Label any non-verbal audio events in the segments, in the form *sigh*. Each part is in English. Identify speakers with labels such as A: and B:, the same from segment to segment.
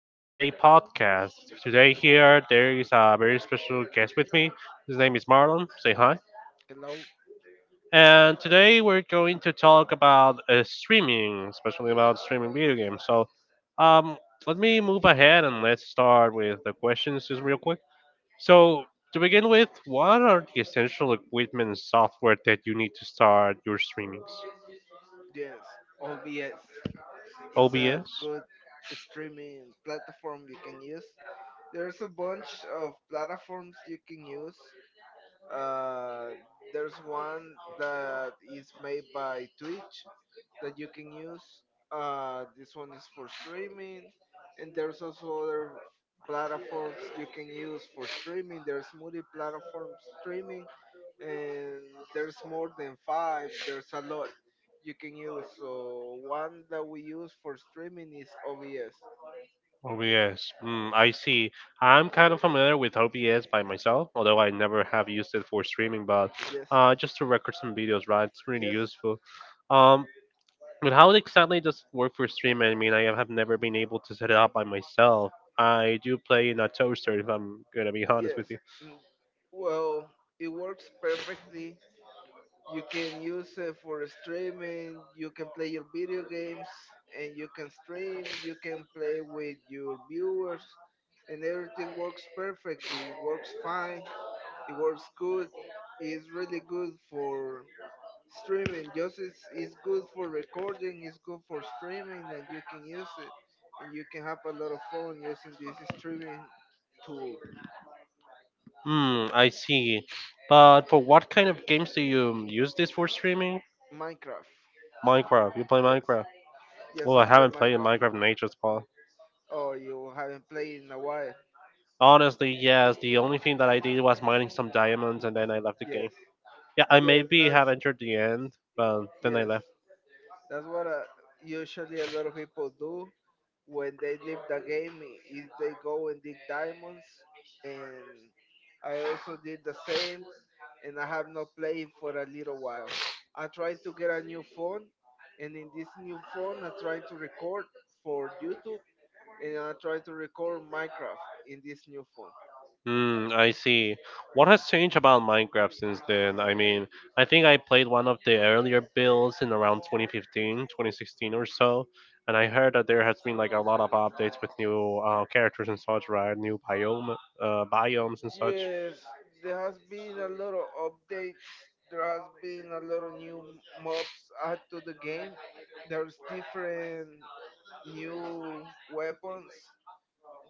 A: everyday podcast. Today here there is a very special guest with me. His name is Marlon. Say hi.
B: Hello?
A: And today we're going to talk about streaming, especially about streaming video games. Um, Let me move ahead and let's start with the questions just real quick. So, to begin with, what are the essential equipment and software that you need to start your streamings?
B: Yes, OBS. It's a
A: OBS.
B: good streaming platform you can use. There's a bunch of platforms you can use. Uh, there's one that is made by Twitch that you can use. This one is for streaming, and there's also other platforms you can use for streaming. There's multi-platform streaming, and there's more than five. There's a lot you can use. So one that we use for streaming is OBS.
A: OBS. Mm, I see. I'm kind of familiar with OBS by myself, although I never have used it for streaming, but
B: Yes,
A: just to record some videos, right? It's really
B: yes,
A: useful. Um, but how exactly does it work for streaming? I mean, I have never been able to set it up by myself. I do play in a toaster, if I'm gonna be *laughs* honest
B: yes.
A: with you.
B: Mm, Well, it works perfectly. You can use it for streaming. You can play your video games, and you can stream. You can play with your viewers, and everything works perfectly. It works fine. It works good. It's really good for streaming. It's good for recording. It's good for streaming, and you can use it, and you can have a lot of fun using this streaming tool.
A: Hmm, I see. But for what kind of games do you use this for streaming?
B: Minecraft.
A: Minecraft. You play
B: Yes.
A: Minecraft?
B: Yes,
A: Well,
B: I
A: I
B: play
A: haven't played
B: Minecraft.
A: Minecraft Nature's Paw.
B: Oh, you haven't played in a while.
A: Honestly, yes. The only thing that I did was mining some diamonds, and then I left the game.
B: Yes,
A: Yeah, I
B: yes,
A: maybe
B: that's
A: have entered the end, but then I
B: yes,
A: left.
B: that's what usually a lot of people do when they leave the game. Is they go and dig diamonds, and I also did the same, and I have not played for a little while. I tried to get a new phone, and in this new phone, I tried to record for YouTube, and I tried to record Minecraft in this new phone.
A: Hmm, I see. What has changed about Minecraft since then? I mean, I think I played one of the earlier builds in around 2015, 2016 or so, and I heard that there has been like a lot of updates with new characters and such, right? New biomes and such.
B: Yes, there has been a lot of updates. There has been a lot of new mobs added to the game. There's different new weapons.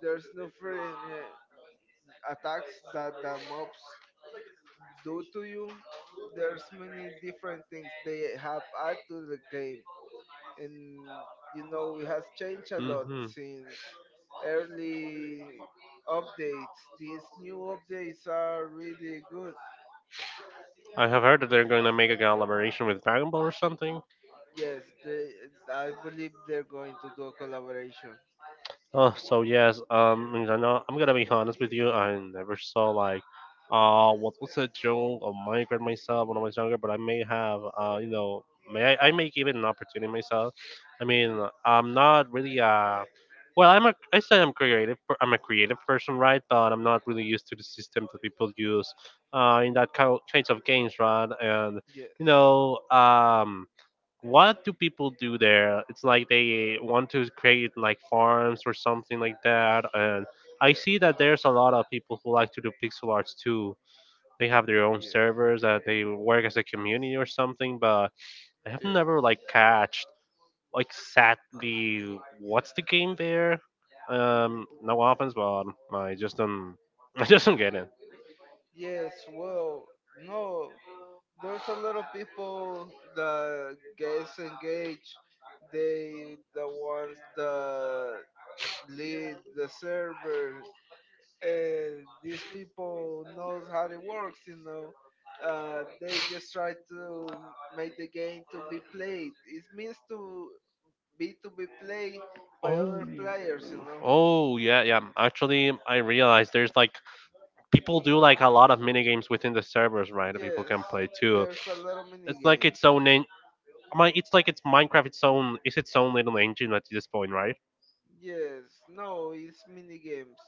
B: There's different attacks that the mobs do to you. There's many different things they have added to the game, and you know it has changed a lot
A: Hmm.
B: since early updates. These new updates are really good.
A: I have heard that they're going to make a collaboration with Dragon Ball or something.
B: Yes, they. I believe they're going to do a collaboration.
A: So yes, I mean, I know I'm gonna be honest with you. I never saw like, what was a joke or Minecraft myself when I was younger, but I may have, I may give it an opportunity myself. I mean, I'm not really I'm creative. I'm a creative person, right? But I'm not really used to the system that people use, in that kinds of games, right?
B: Yes,
A: You know, um. What do people do there? It's like they want to create like farms or something like that. And I
B: yeah,
A: see that there's a lot of people who like to do pixel arts too. They have their own
B: yes,
A: servers that they work as a community or something, but I have
B: yes,
A: never like catched like, exactly what's the game there? No offense, but I just *laughs* I just don't get it.
B: yes. Well, no, there's a lot of people that gets engaged. They the ones that lead the server, and these people knows how it works. You know, they just try to make the game to be played. It means to b play by
A: Oh,
B: other players, you know.
A: oh yeah, yeah. Actually, I realized there's like people do like a lot of mini games within the servers, right? That people
B: Yes,
A: can play too.
B: there's a lot of mini
A: It's like
B: games.
A: its own. En- it's like it's Minecraft. Its own. It's its own little engine at this point, right?
B: Yes, no, it's mini games.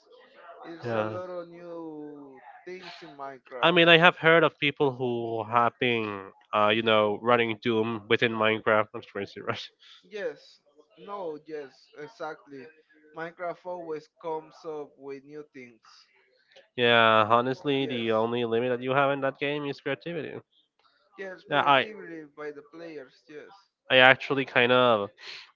B: It's a
A: Yeah.
B: lot of new things in
A: I
B: Minecraft.
A: mean, I have heard of people who have been, running Doom within Minecraft. That's crazy, right? *laughs*
B: Yes, no, yes, exactly. Minecraft always comes up with new things.
A: Yeah, honestly,
B: Yes,
A: the only limit that you have in that game is creativity.
B: yes,
A: Yeah, I
B: creatively by the players. Yes,
A: I actually kind of,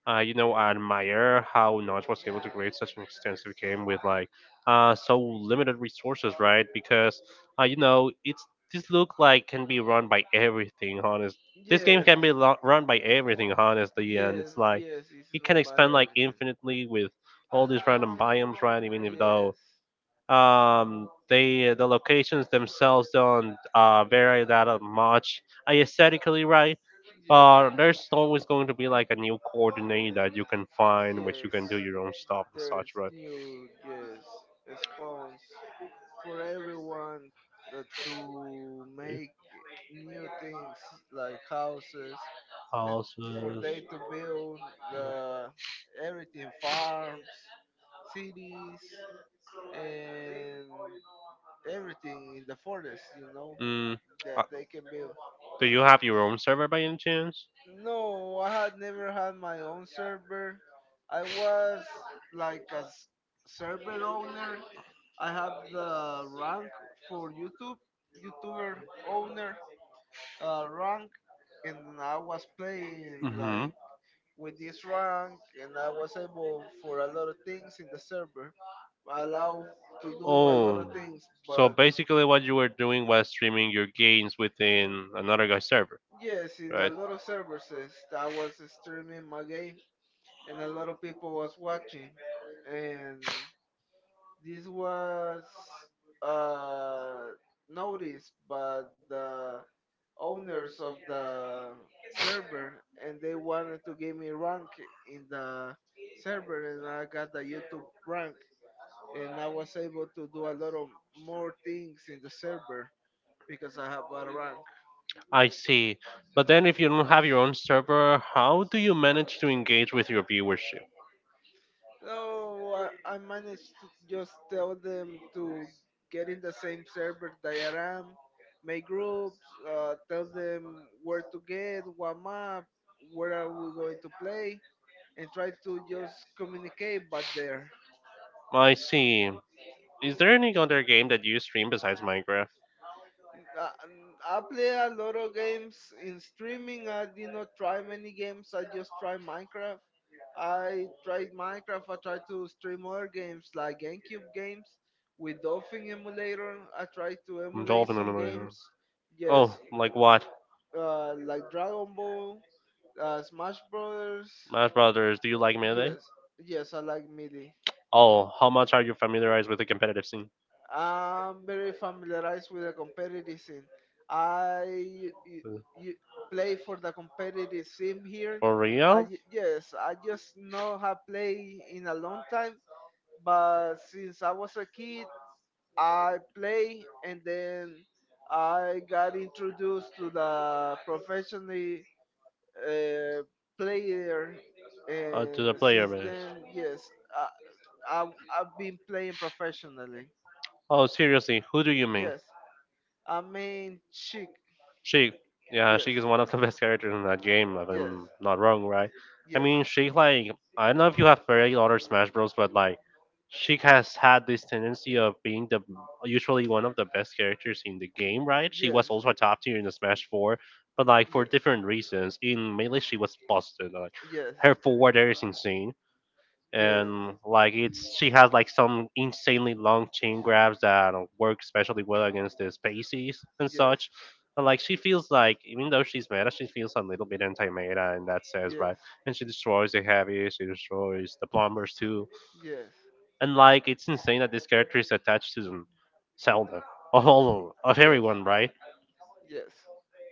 A: admire how Notch was able to create such an extensive game with like so limited resources, right? Because you know, it's this look like can be run by everything, honest. This game
B: yes,
A: can be run by everything, honestly, and
B: yes,
A: it's like
B: yes. It's
A: it can
B: not about
A: expand like
B: everything.
A: infinitely with all these random biomes, right? Even if though
B: Yes,
A: the locations themselves don't vary that much aesthetically, right? But
B: yes,
A: there's always going to be like a new coordinate that you can find, which you
B: yes.
A: can do your own stuff and
B: there's
A: such, right?
B: new yes spawns for everyone that to make new things like houses. It's for
A: Houses.
B: they to build the everything farms, cities, and everything in the forest, you know,
A: Mm.
B: that
A: Uh,
B: they can build.
A: do you have your own server by any chance?
B: No, I had never had my own server. I was like server owner. I have the rank for YouTube, YouTuber owner rank, and I was playing
A: Hmm.
B: like with this rank, and I was able for a lot of things in the server, allowed to do a lot
A: Oh,
B: of things.
A: so
B: But
A: basically what you were doing was streaming your games within another guy's server,
B: yes, in a
A: right?
B: lot of services, I was streaming my game and a lot of people was watching and this was uh, noticed by the owners of the server and they wanted to give me rank in the server and I got the YouTube rank and I was able to do a lot of more things in the server because I have a rank.
A: I see. But then if you don't have your own server, how do you manage to engage with your viewership?
B: So I managed to just tell them to get in the same server that I am, make groups, tell them where to get, what map, where are we going to play, and try to just communicate back there.
A: I see. Is there any other game that you stream besides Minecraft?
B: Uh, I play a lot of games in streaming. I did not try many games. I just tried Minecraft. I tried Minecraft. I tried to stream other games like GameCube games with Dolphin emulator. I tried to emulate
A: Dolphin
B: some
A: Emulator.
B: games. Yes,
A: Oh, like what?
B: like Dragon Ball, Smash Brothers.
A: Smash Brothers, do you like Melee?
B: Yes, yes, I like MIDI.
A: Oh, how much are you familiarized with the competitive scene?
B: I'm very familiarized with the competitive scene. I you, you play for the competitive scene here.
A: For
B: I,
A: real?
B: ju- yes, I just know how play in a long time, but since I was a kid, I play and then I got introduced to the professionally uh, player,
A: To the
B: and
A: player
B: since
A: base.
B: then,
A: I
B: I I've been playing professionally.
A: Oh, seriously, who do you mean?
B: Yes. I mean, chick.
A: Sheik, yeah,
B: Yes,
A: Sheik is one of the *laughs* best characters in that game, if
B: yes,
A: I'm not wrong, right? I
B: yes.
A: mean, Sheik, like, I don't know if you have played other Smash Bros, but, like, Sheik has had this tendency of being the usually one of the best characters in the game, right? She
B: Yes,
A: was also a top tier in the Smash 4, but, like, for
B: yes,
A: different reasons. In Melee, she was busted. Like,
B: yes, yes,
A: her forward air is insane and like it's she has like some insanely long chin grabs that work especially well against the spaces and such. And like she feels like even though she's meta, she feels a little bit anti-meta in that sense, right? And she destroys the heavy, she destroys the plumbers too,
B: yes, yes, yes,
A: and like it's insane that this character is attached to Zelda *laughs* of all of
B: yes,
A: everyone, right?
B: yes.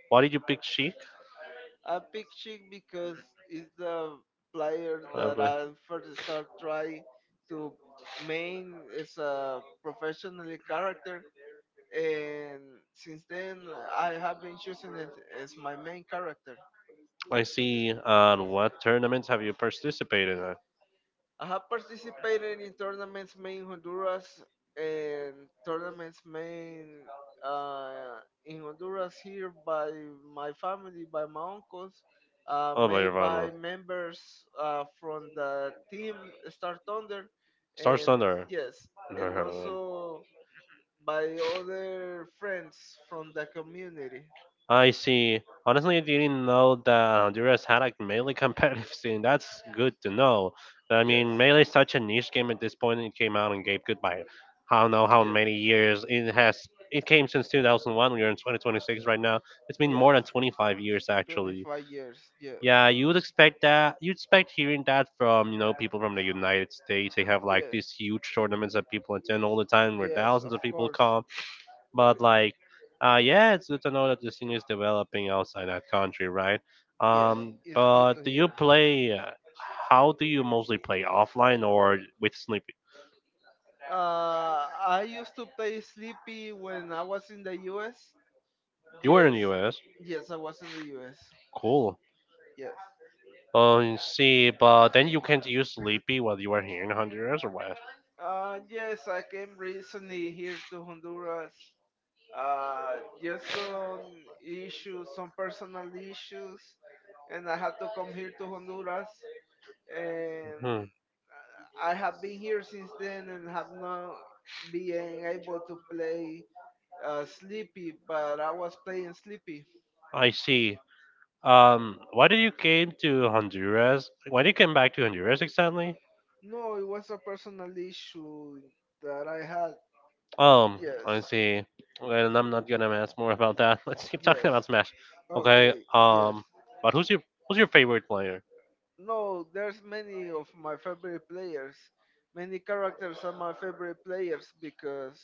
A: Why did you pick Sheik?
B: I pick picturing because it's the player that I
A: But-
B: first start try to main as a professional character, and since then I have been choosing it as my main character.
A: I see. On what tournaments have you participated in?
B: I have participated in tournaments made in Honduras and tournaments made in Honduras here by my family, by my uncles,
A: Oh, by your
B: made by
A: father.
B: members from the team Star Thunder,
A: Star
B: and
A: Thunder.
B: yes,
A: Never
B: and
A: heard of it.
B: also by other friends from the community.
A: I see. Honestly, I didn't know that Honduras had a melee *laughs* competitive scene. That's good to know. I
B: Yes,
A: mean, melee is such a niche game at this point. It came out and gave goodbye. I don't know how
B: yes,
A: many years it has. It came since 2001. We're in 2026 right now. It's been
B: yes.
A: more than 25 years actually.
B: 25 years, yes,
A: Yeah, you would expect that. You'd expect hearing that from you know people from the United States. They have like
B: yes.
A: these huge tournaments that people attend all the time, where
B: Yes,
A: thousands
B: of
A: of people
B: course.
A: come. But like, yeah, it's good to know that the thing is developing outside that country, right?
B: Yes, it's good to
A: But do you
B: hear.
A: play? How do you mostly play offline or with Sleepy?
B: I used to play Sleepy when I was in the US.
A: You were in
B: Yes,
A: the U.S.
B: yes, I was in the US.
A: Cool.
B: Yes.
A: Oh, you see, but then you can't use Sleepy while you are here in Honduras, or what?
B: Yes, I came recently here to Honduras. Just some issues, some personal issues, and I had to come here to Honduras. And
A: Hmm,
B: I have been here since then and have not been able to play sleepy, but I was playing sleepy.
A: I see. Why did you came to Honduras? Why did you come back to Honduras exactly?
B: No, it was a personal issue that I had.
A: Um,
B: Yes,
A: I see. Okay, and I'm not gonna ask more about that. *laughs* Let's keep talking
B: yes.
A: about Smash. Okay.
B: Okay, yes.
A: But who's your favorite player?
B: No, there's many of my favorite players. Many characters are my favorite players because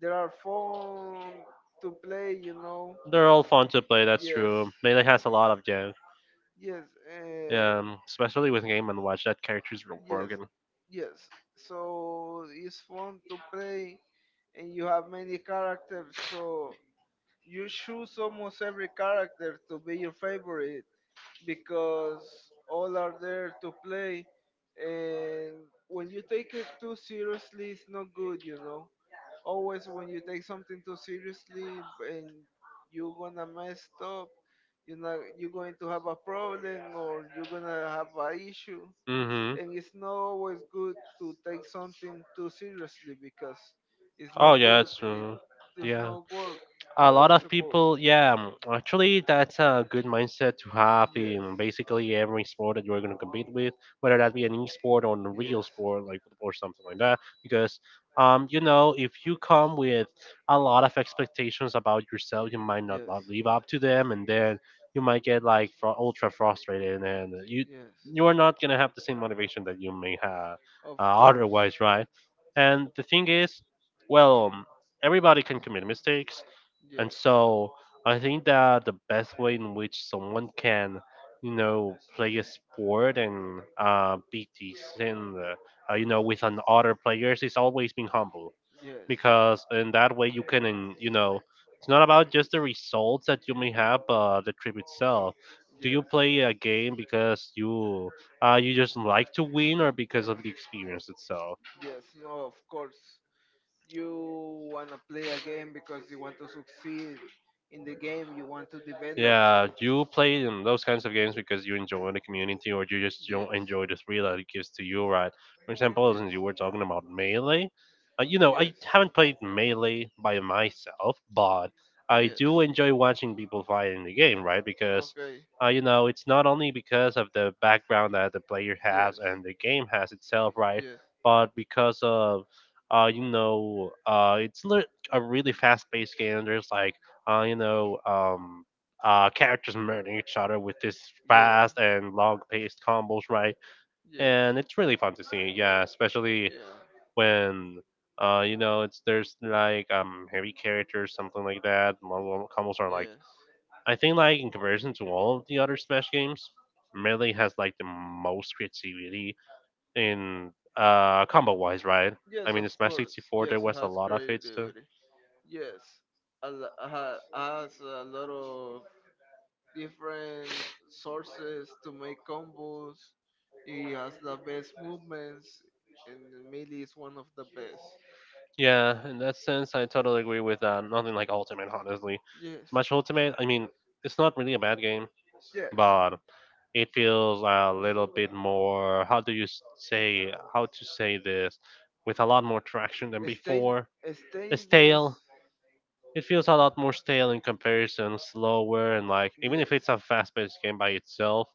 B: they are fun to play, you know.
A: They're all fun to play. That's
B: Yes,
A: true. Melee has a lot of jokes.
B: yes, and
A: Especially with Game and Watch, that character's real
B: yes,
A: broken.
B: yes. So it's fun to play, and you have many characters. So you choose almost every character to be your favorite because all are there to play, and when you take it too seriously it's not good, you know. Always when you take something too seriously and you're gonna mess up, you know, you're going to have a problem or you're gonna have a issue, and
A: Mm-hmm.
B: it's not always good to take something too seriously because it's not
A: Oh yeah,
B: good,
A: it's
B: it
A: true.
B: does
A: Yeah,
B: not work
A: a
B: how
A: lot
B: it's
A: of
B: supposed.
A: people. Yeah, mm, actually, that's a good mindset to have
B: Yes,
A: in basically every sport that you're gonna compete with, whether that be an e-sport or a real
B: yes,
A: sport like football or something like that. Because, if you come with a lot of expectations about yourself, you might not
B: yes,
A: live up to them, and then you might get like ultra frustrated, and you
B: yes.
A: you are not gonna have the same motivation that you may have
B: Of course.
A: otherwise, right? And the thing is well, um, everybody can commit mistakes,
B: Yes,
A: and so I think that the best way in which someone can, you know, play a sport and be decent, with an other players is always being humble
B: yes,
A: because in that way you can, it's not about just the results that you may have, but the trip itself. Do you
B: yes,
A: play a game because you just like to win or because of the experience itself?
B: yes. No, of course. You want to play a game because you want to succeed in the game, you want to develop.
A: Yeah, you play in those kinds of games because you enjoy the community or you just don't
B: Yes,
A: enjoy the thrill that it gives to you, right? For example,
B: yes,
A: since you were talking about Melee, I
B: yes,
A: haven't played Melee by myself, but I
B: yes.
A: do enjoy watching people fight in the game, right? Because,
B: Okay,
A: it's not only because of the background that the player has
B: yes,
A: and the game has itself, right?
B: yes, yes,
A: But because of, it's a really fast-paced game. There's like uh, you know, um, characters murdering each other with this
B: yes,
A: fast and long-paced combos, right?
B: yeah,
A: And it's really fun to see. Yeah, especially when you know it's there's like heavy characters something like that long, long combos are like
B: yes.
A: I think like in comparison to all of the other smash games melee has like the most creativity in combo wise right. I
B: Yes,
A: mean in
B: of
A: smash
B: course.
A: 64 there
B: Yes, it
A: was a
B: has
A: lot of hits too.
B: creativity. Yes, has a lot of different sources to make combos. He has the best movements, and melee is one of the best.
A: Yeah, in that sense, I totally agree with nothing like Ultimate. Honestly,
B: Yes,
A: Smash Ultimate. I mean, it's not really a bad game,
B: yes.
A: but it feels a little bit more. How do you say? How to say this? With a lot more traction than
B: Stale,
A: before. It's Stale.
B: staleness.
A: It feels a lot more stale in comparison, slower, and like even if
B: Yes,
A: it's a fast-paced game by itself,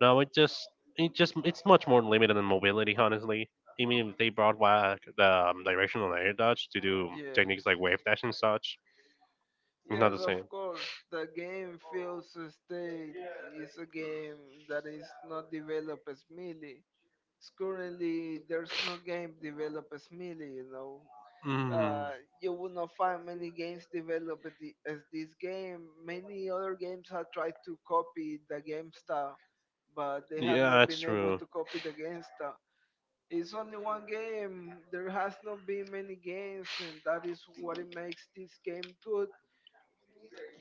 A: no, it just it's much more limited than mobility, honestly. I mean, if they brought back the directional air dodge to do
B: yeah.
A: techniques like wave dash and such, it's not
B: Yes,
A: the
B: of
A: same.
B: course. The game feels a state, is a game that is not developed as melee. Currently, there's no game developed as melee. You know,
A: Mm,
B: uh, you will not find many games developed as this game. Many other games have tried to copy the game style, but they have
A: yeah,
B: not
A: it's
B: been able
A: true.
B: to copy the game style. It's only one game. There has not been many games, and that is what it makes this game good,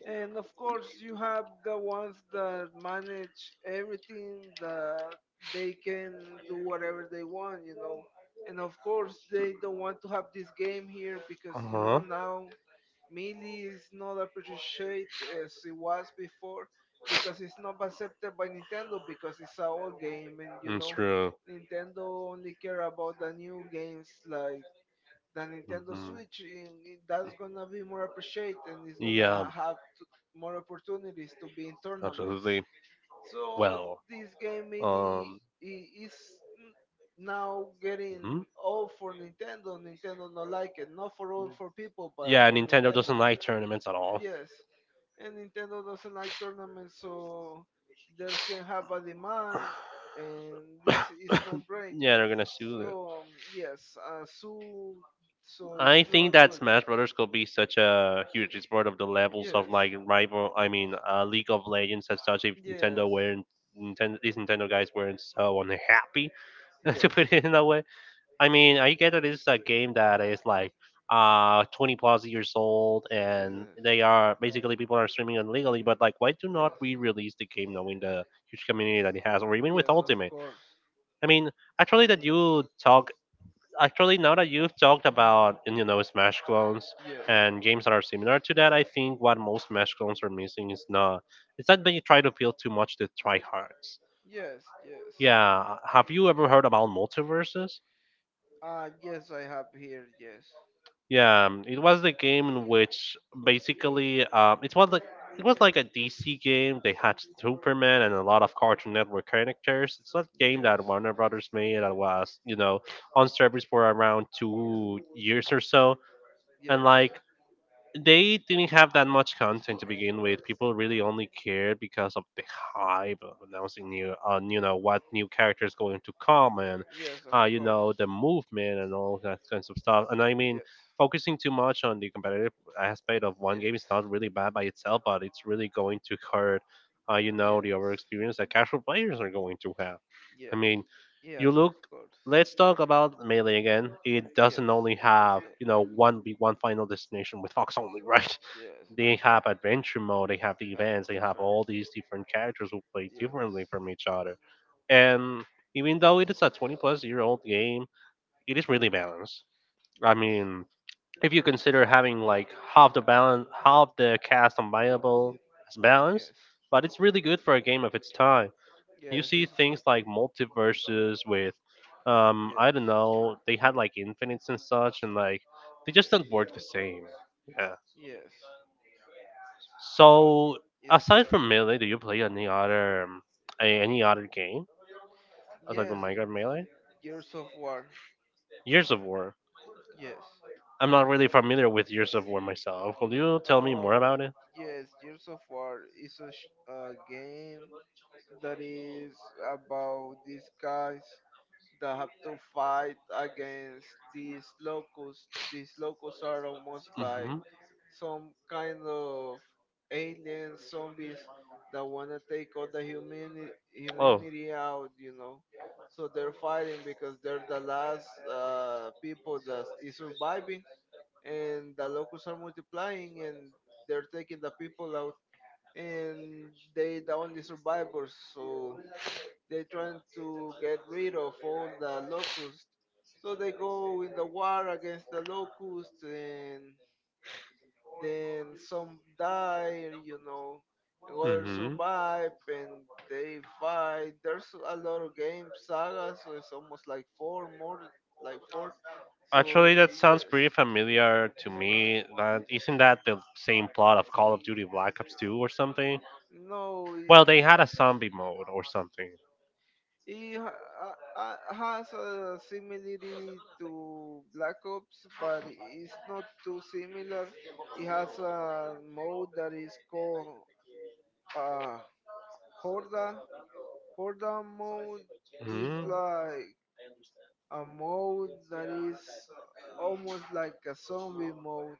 B: and of course, you have the ones that manage everything, that they can do whatever they want, you know. And of course, they don't want to have this game here because,
A: Uh
B: you know,
A: huh.
B: now Melee is not appreciated as it was before because it's not accepted by Nintendo, because it's an old game and, you
A: It's
B: know,
A: true.
B: Nintendo only care about the new games like the Nintendo
A: Mhm.
B: Switch, and that's gonna be more appreciated and it's
A: Yeah,
B: gonna have more opportunities to be in tournaments.
A: absolutely.
B: So
A: Well,
B: this game really
A: um,
B: is n- now
A: hmm
B: getting old for Nintendo. Nintendo not like it, not for all for people, but
A: Yeah,
B: for
A: Nintendo doesn't
B: Nintendo.
A: like tournaments at all.
B: Yes, and Nintendo doesn't like tournaments, so there can have a demand, and this is
A: *coughs*
B: not great.
A: Yeah, they're gonna sue them.
B: So so it's
A: I
B: not
A: think that
B: good.
A: Smash Brothers could be such a huge export of the levels of
B: Yes,
A: like rival. I mean, League of Legends as such. If Nintendo
B: yes,
A: weren't Nintendo, these Nintendo guys weren't so unhappy *laughs* to
B: yes,
A: put it in that way. I mean, I get that it's a game that is like 20 plus years old and they
B: yes,
A: are basically people are streaming illegally, but like why do
B: yes,
A: not we release the game knowing the huge community that it has, or even with
B: yes, of
A: ultimate?
B: course.
A: i mean actually that you talk Actually now that you've talked about, you know, smash clones
B: Yes,
A: and games that are similar to that, I think what most smash clones are missing is not it's that they try to appeal too much to tryhards.
B: yes.
A: Yeah, have you ever heard about multiverses?
B: Ah, yes, I have here. Yes,
A: Yeah, it was the game in which basically, it was like a DC game. They had Superman and a lot of Cartoon Network characters. It's not a game that
B: yes,
A: Warner Brothers made that was, you know, on service for around 2 years or so,
B: yes,
A: and like they didn't have that much content to begin with. People really only cared because of the hype of announcing new, you know, what new character is going to come, and,
B: yes, of
A: you know,
B: course.
A: the movement and all that kinds of stuff. And I mean,
B: Yes,
A: focusing too much on the competitive aspect of one game
B: yes,
A: is not really bad by itself, but it's really going to hurt, you know, the overall
B: yes,
A: experience that casual players are going to have. I
B: yeah,
A: mean,
B: yeah,
A: you
B: no, of
A: look
B: course.
A: let's talk about Melee again. It doesn't
B: Yes,
A: only
B: that's
A: have,
B: the
A: you know, one big one final destination with Fox only, right? *laughs*
B: yes,
A: They have adventure mode, they have the
B: yes,
A: events, they have
B: different.
A: all these different characters who play differently
B: Yes,
A: from each other. And even though it is a 20 plus year old game, it is really balanced. I
B: yes,
A: mean, if you consider having like half the balance, half the cast on viable as balanced,
B: yes,
A: but it's really good for a game of its time. You
B: yes,
A: see
B: it's good.
A: things like multiverses with, I don't
B: Yes,
A: know, they had like infinites and such, and like they just
B: yes,
A: don't work the same. Yeah.
B: yes. No,
A: So
B: it's
A: aside
B: great.
A: from melee, do you play any other any other game aside
B: Yes,
A: from minecraft melee?
B: Gears of War.
A: Years of war?
B: Yes.
A: I'm not really familiar with years of war myself. Could you tell me more
B: Oh,
A: about it?
B: yes, Gears of War is a game that is about these guys that have to fight against these locusts. These locusts are almost like
A: Hmm.
B: some kind of alien zombies that want to take all the
A: Oh.
B: humanity out, you know. So they're fighting because they're the last people that is surviving and the locals are multiplying and they're taking the people out and they the only survivors, so they trying to get rid of all the locusts, so they go in the war against the locusts and then some die, you know, and others survive and they fight. There's a lot of game sagas, so it's almost like four more, like four, so
A: Actually, that sounds
B: yes.
A: pretty familiar to me. That isn't that the same plot of Call of Duty Black Ops 2 or something?
B: No,
A: Well, they had a zombie mode or something.
B: it has a similarity to Black Ops, but it's not too similar. It has a mode that is called uh, Horda. Horda mode is
A: Hmm.
B: like a mode that is almost like a zombie mode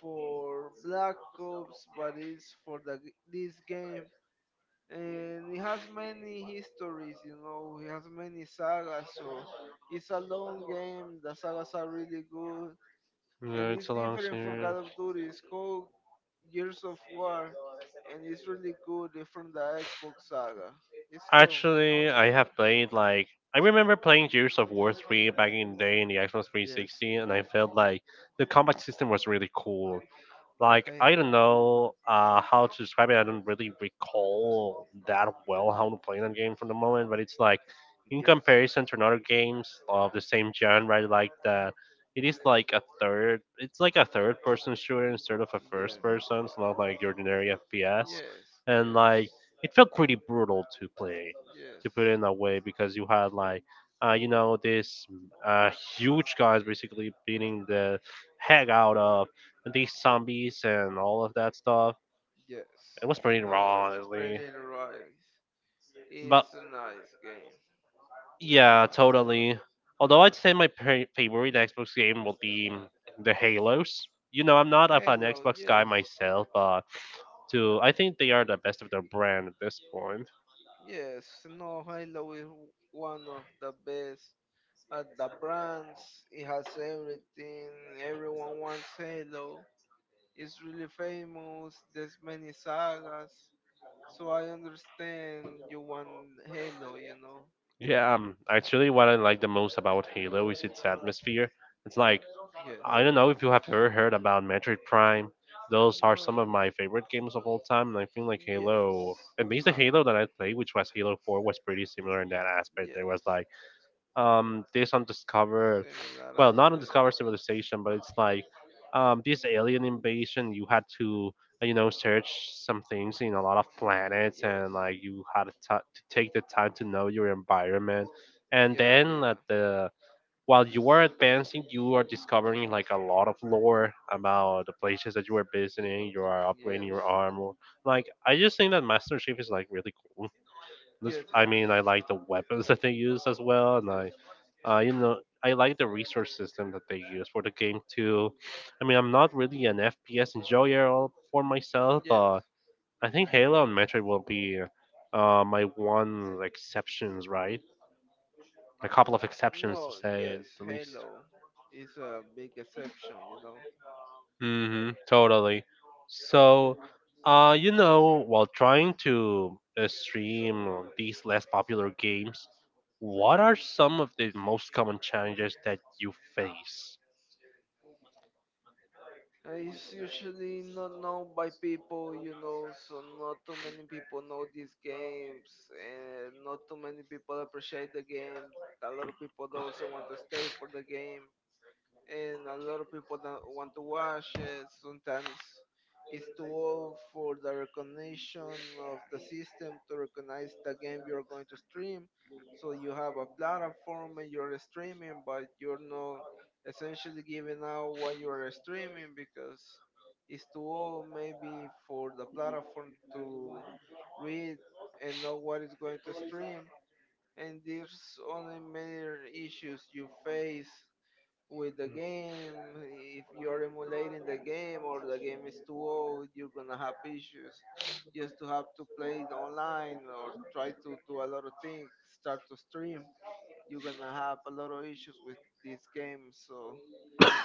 B: for Black Ops, but it's for this game. And he has many histories, you know, he has many sagas, so it's a long game. The sagas are really good, and
A: Yeah,
B: it's
A: it's a long
B: different from
A: series.
B: Call of Duty. It's called Years of War, and it's really good. It's from the Xbox saga. It's slow.
A: Actually, I have played like I remember playing Gears of War 3 back in the day in the Xbox
B: Yes.
A: 360, and I felt like the combat system was really cool. Like
B: Okay.
A: I don't know, how to describe it. I don't really recall that well how to play that game from the moment, but it's like in
B: Yes.
A: comparison to another games of the same genre, like that, it is like a third. It's like a third-person shooter instead of a
B: Yes yeah,
A: first-person. It's not like your ordinary FPS,
B: yes.
A: and
B: Yes.
A: like it felt pretty brutal to play, to put it
B: yes
A: in that way, because you had like you know, these uh, huge guys basically beating the heck out of these zombies and all of that stuff.
B: yes
A: It was
B: you
A: pretty
B: know,
A: raw,
B: it's
A: honestly.
B: pretty right.
A: But
B: It's a nice game.
A: yeah, totally. Although I'd say my favorite Xbox game will be the Halos. You know, I'm not of an
B: Hello.
A: Xbox guy
B: Yes.
A: myself, but to I think they are the best of their brand at this point.
B: Yes, no, Halo is one of the best at the brands. It has everything. Everyone wants Halo. It's really famous. There's many sagas. So I understand you want Halo, you know.
A: Yeah, actually, what I like the most about Halo is its atmosphere. It's like
B: Yes.
A: I don't know if you have ever heard about Metroid Prime. Those are
B: No,
A: some of my favorite games of all time, and I feel like Halo,
B: yes.
A: at least the
B: Uh,
A: Halo that I played, which was Halo 4, was pretty similar in that aspect. There was
B: yes.
A: like this undiscovered,
B: Similar
A: well, not
B: aspect.
A: undiscovered civilization, but it's like this alien invasion. You had to you know, search some things in a lot of planets,
B: Yes.
A: and like you had to, ta to take the time to know your environment, and
B: Yeah,
A: then
B: yeah.
A: at the while you are advancing you are discovering like a lot of lore about the places that you are visiting, you are upgrading
B: Yes.
A: your armor. Like I just think that Master Chief is like really cool.
B: Yes,
A: I mean,
B: yes.
A: I like the weapons *laughs* that they use as well, and I, you know, I like the resource system that they use for the game too. I mean, I'm not really an FPS enjoyer all for myself, but
B: Yes.
A: I think Halo and Metroid will be my one exceptions, right? A couple of exceptions to
B: No,
A: say at
B: yes,
A: the least.
B: Halo is a big exception, you know.
A: Mm-hmm, totally. So, you know, while trying to stream these less popular games, what are some of the most common challenges that you face?
B: It's usually not known by people, you know, so not too many people know these games, and not too many people appreciate the game. A lot of people don't also want to stay for the game, and a lot of people don't want to watch it. Sometimes it's too old for the recognition of the system to recognize the game you're going to stream. So you have a platform and you're streaming, but you're not essentially giving out what you're streaming because it's too old maybe for the platform to read and know what is going to stream. And there's only major issues you face with the game. If you're emulating the game or the game is too old, you're gonna have issues. You just to have to
A: Playing
B: play it
A: online,
B: online or
A: try many
B: try
A: problems
B: to do a lot of things, start to stream. You're gonna have a lot of issues with this game. So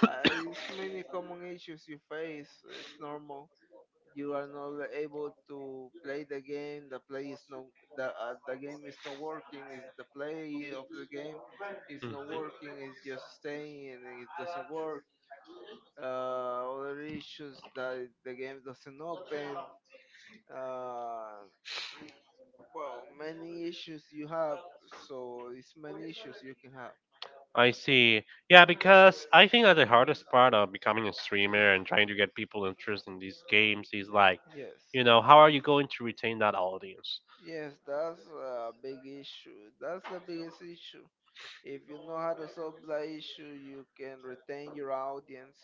B: it's many common issues you face. It's normal you are not able to play the game, the play is no, the the
A: for
B: game is not working,
A: working,
B: is
A: and
B: the
A: the play
B: play
A: of
B: of the
A: the
B: game is
A: game is
B: not
A: Mm.
B: working, it's just staying and it doesn't work. Other issues that the game doesn't open, uh, mm, well, many issues you have, so it's many issues you can have.
A: I see. Yeah, because I think that the hardest part of becoming a streamer and trying to get people interested in these games is like,
B: Yes.
A: you know, how are you going to retain that audience?
B: Yes that's a big issue, that's the biggest issue. If you know how to solve the issue, you can retain your audience,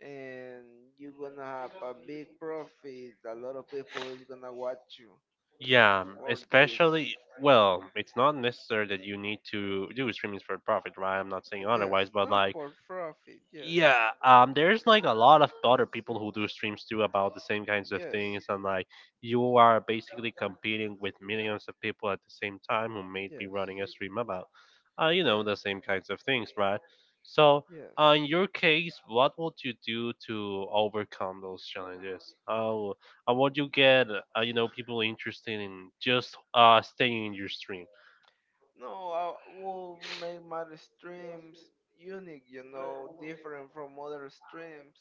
B: and you're gonna have a big profit. A lot of people is gonna watch you
A: Yeah,
B: for this.
A: especially, well, it's not necessary that you need to do streamings for profit, right? I'm not saying
B: Yes,
A: otherwise, but
B: not
A: like
B: for profit. Yes,
A: yeah, there's like a lot of other people who do streams too about the same kinds of
B: yes,
A: things, and like you are basically competing with millions of people at the same time who may be
B: yes,
A: running a stream about you know the same kinds of things, right? So
B: yes.
A: in your case, what would you do to overcome those challenges? How would you get, you know, people interested in just staying in your stream?
B: No, I will make my streams unique, you know, different from other streams.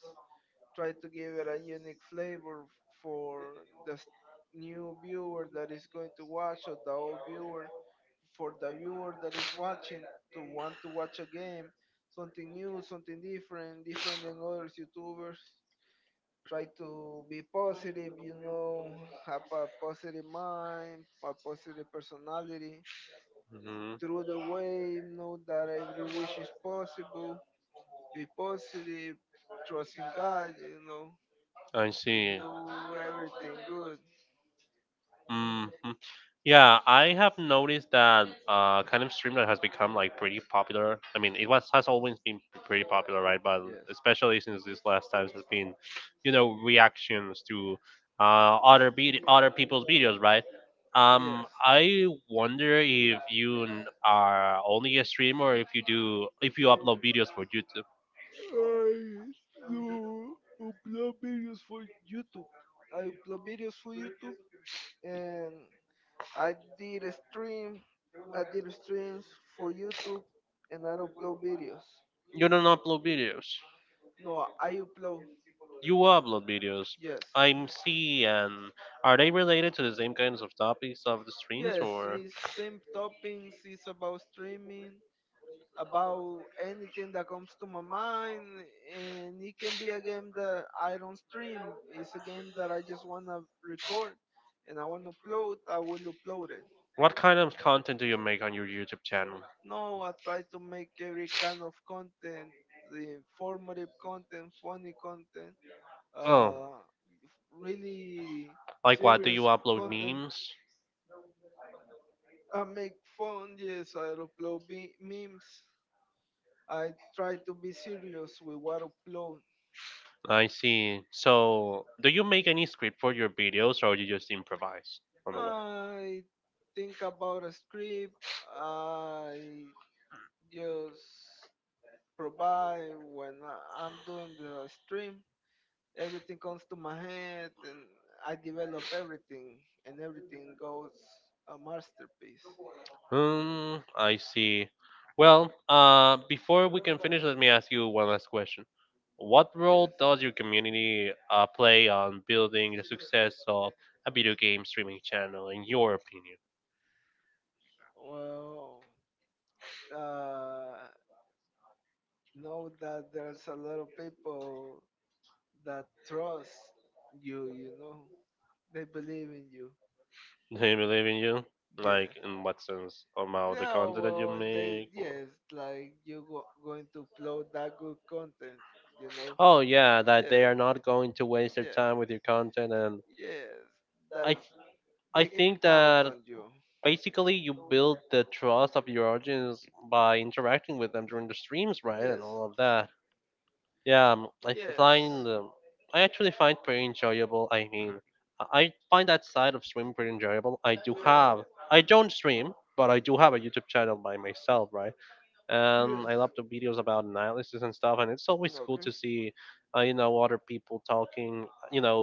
B: Try to give it a unique flavor for the s- new viewer that is going to watch, or the old viewer, for the viewer that is watching, to want to watch a game, something new, something different, different than other YouTubers. Try to be positive, you know, have a positive mind, a positive personality,
A: Mhm.
B: through the way, know that every wish is possible. Be positive, trust in God, you know,
A: I
B: and
A: see.
B: do everything good.
A: Hmm. Yeah, I have noticed that kind of stream that has become like pretty popular. I mean, it was has always been pretty popular, right? But
B: Yes.
A: especially since these last times has been, you know, reactions to other other people's videos, right?
B: Yes.
A: I wonder if you are only a streamer, or if you do if you upload videos for YouTube.
B: I do upload videos for YouTube. I upload videos for YouTube, and I did a stream. I did streams for YouTube, and I upload videos.
A: You don't upload videos.
B: No, I upload.
A: You upload videos.
B: Yes.
A: I'm seeing. Are they related to the same kinds of topics of the streams,
B: Yes,
A: or
B: it's same toppings. It's about streaming, about anything that comes to my mind, and it can be a game that I don't stream. It's a game that I just want to record, and I want to upload, I will upload it.
A: what kind of content do you make on your YouTube channel?
B: No, I try to make every kind of content, the informative content, funny content,
A: Oh,
B: uh, really
A: like what? Do you
B: serious
A: upload
B: content.
A: memes?
B: I make fun, yes, I memes. I try to be serious with what I upload.
A: I see. So, do you make any script for your videos, or you just improvise on the way?
B: I think about a script. I just provide when I'm doing the stream. Everything comes to my head, and I develop everything, and everything goes a masterpiece.
A: Hmm, I see. Well, before we can finish, let me ask you one last question. What
B: Yes.
A: role does your community play on building the success of a video game streaming channel, in your opinion?
B: Well, uh, know that there's a lot of people that trust you. You know, they believe in you.
A: *laughs* Do you believe in you? Like,
B: Yes.
A: in what sense? About the
B: No,
A: content that you
B: well, they,
A: make? Or...
B: yes, like you go, going to upload that good content, you know?
A: Oh, yeah, that they
B: Yes,
A: are not going to waste their
B: yes,
A: time with your content. And
B: yes, that
A: I, I
B: they can
A: think
B: count
A: that
B: on you.
A: basically you build the trust of your audience by interacting with them during the streams, right, and
B: Yes,
A: all of that. Yeah, I find
B: yes,
A: I actually find pretty enjoyable. I mean, I find that side of streaming pretty enjoyable. I do have I don't stream, but I do have a YouTube channel by myself, right? And
B: yes.
A: I love the videos about analysis and stuff, and it's always cool
B: Okay.
A: to see, you know, other people talking, you know,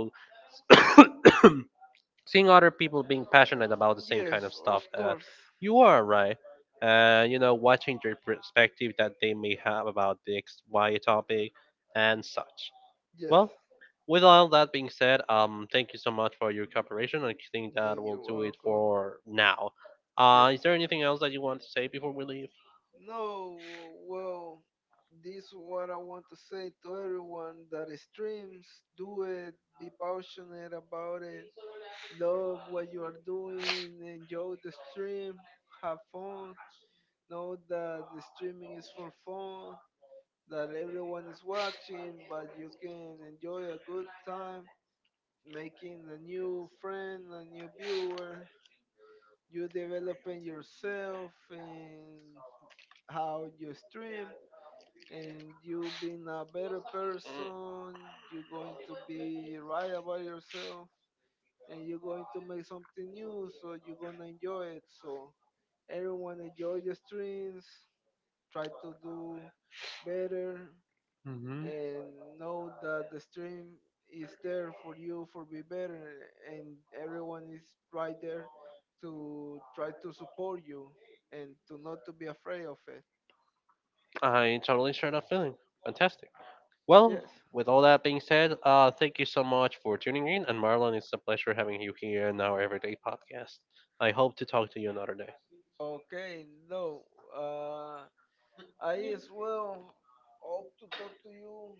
A: seeing other people being passionate about the same kind of
B: Yes,
A: stuff
B: of
A: that
B: course.
A: you are, right, and you know, watching their perspective that they may have about the x y topic and such.
B: Yes.
A: Well, with all that being said, thank you so much for your cooperation. I think that
B: Then
A: will
B: you're
A: do it
B: welcome.
A: for now.
B: Yes.
A: Is there anything else that you want to say before we leave?
B: No, well, this is what I want to say to everyone that streams. Do it. Be passionate about it. Love what you are doing, enjoy the stream, have fun. Know that the streaming is for fun, that everyone is watching, but you can enjoy a good time making a new friend, a new viewer. You developing yourself in how you stream, and you being a better person. You're going to be right about yourself, and you're going to make something new, so you're gonna enjoy it. So everyone, enjoy the streams, try to do better,
A: Mm-hmm.
B: and know that the stream is there for you for be better, and everyone is right there to try to support you, and to not to be afraid of it.
A: I totally share that feeling. Fantastic. Well,
B: Yes.
A: with all that being said, thank you so much for tuning in. And Marlon, it's a pleasure having you here in our everyday podcast. I hope to talk to you another day.
B: Okay. No. Uh. I as well hope to talk to you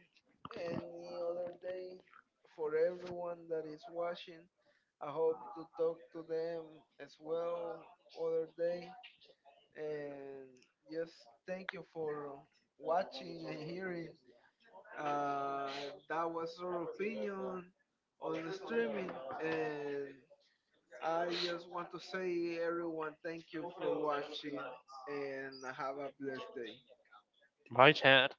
B: any other day. For everyone that is watching, I hope to talk to them as well other day. And just thank you for watching and hearing. That was our opinion on the streaming. And I just want to say, everyone, thank you for watching and have a blessed day.
A: Bye, Chad.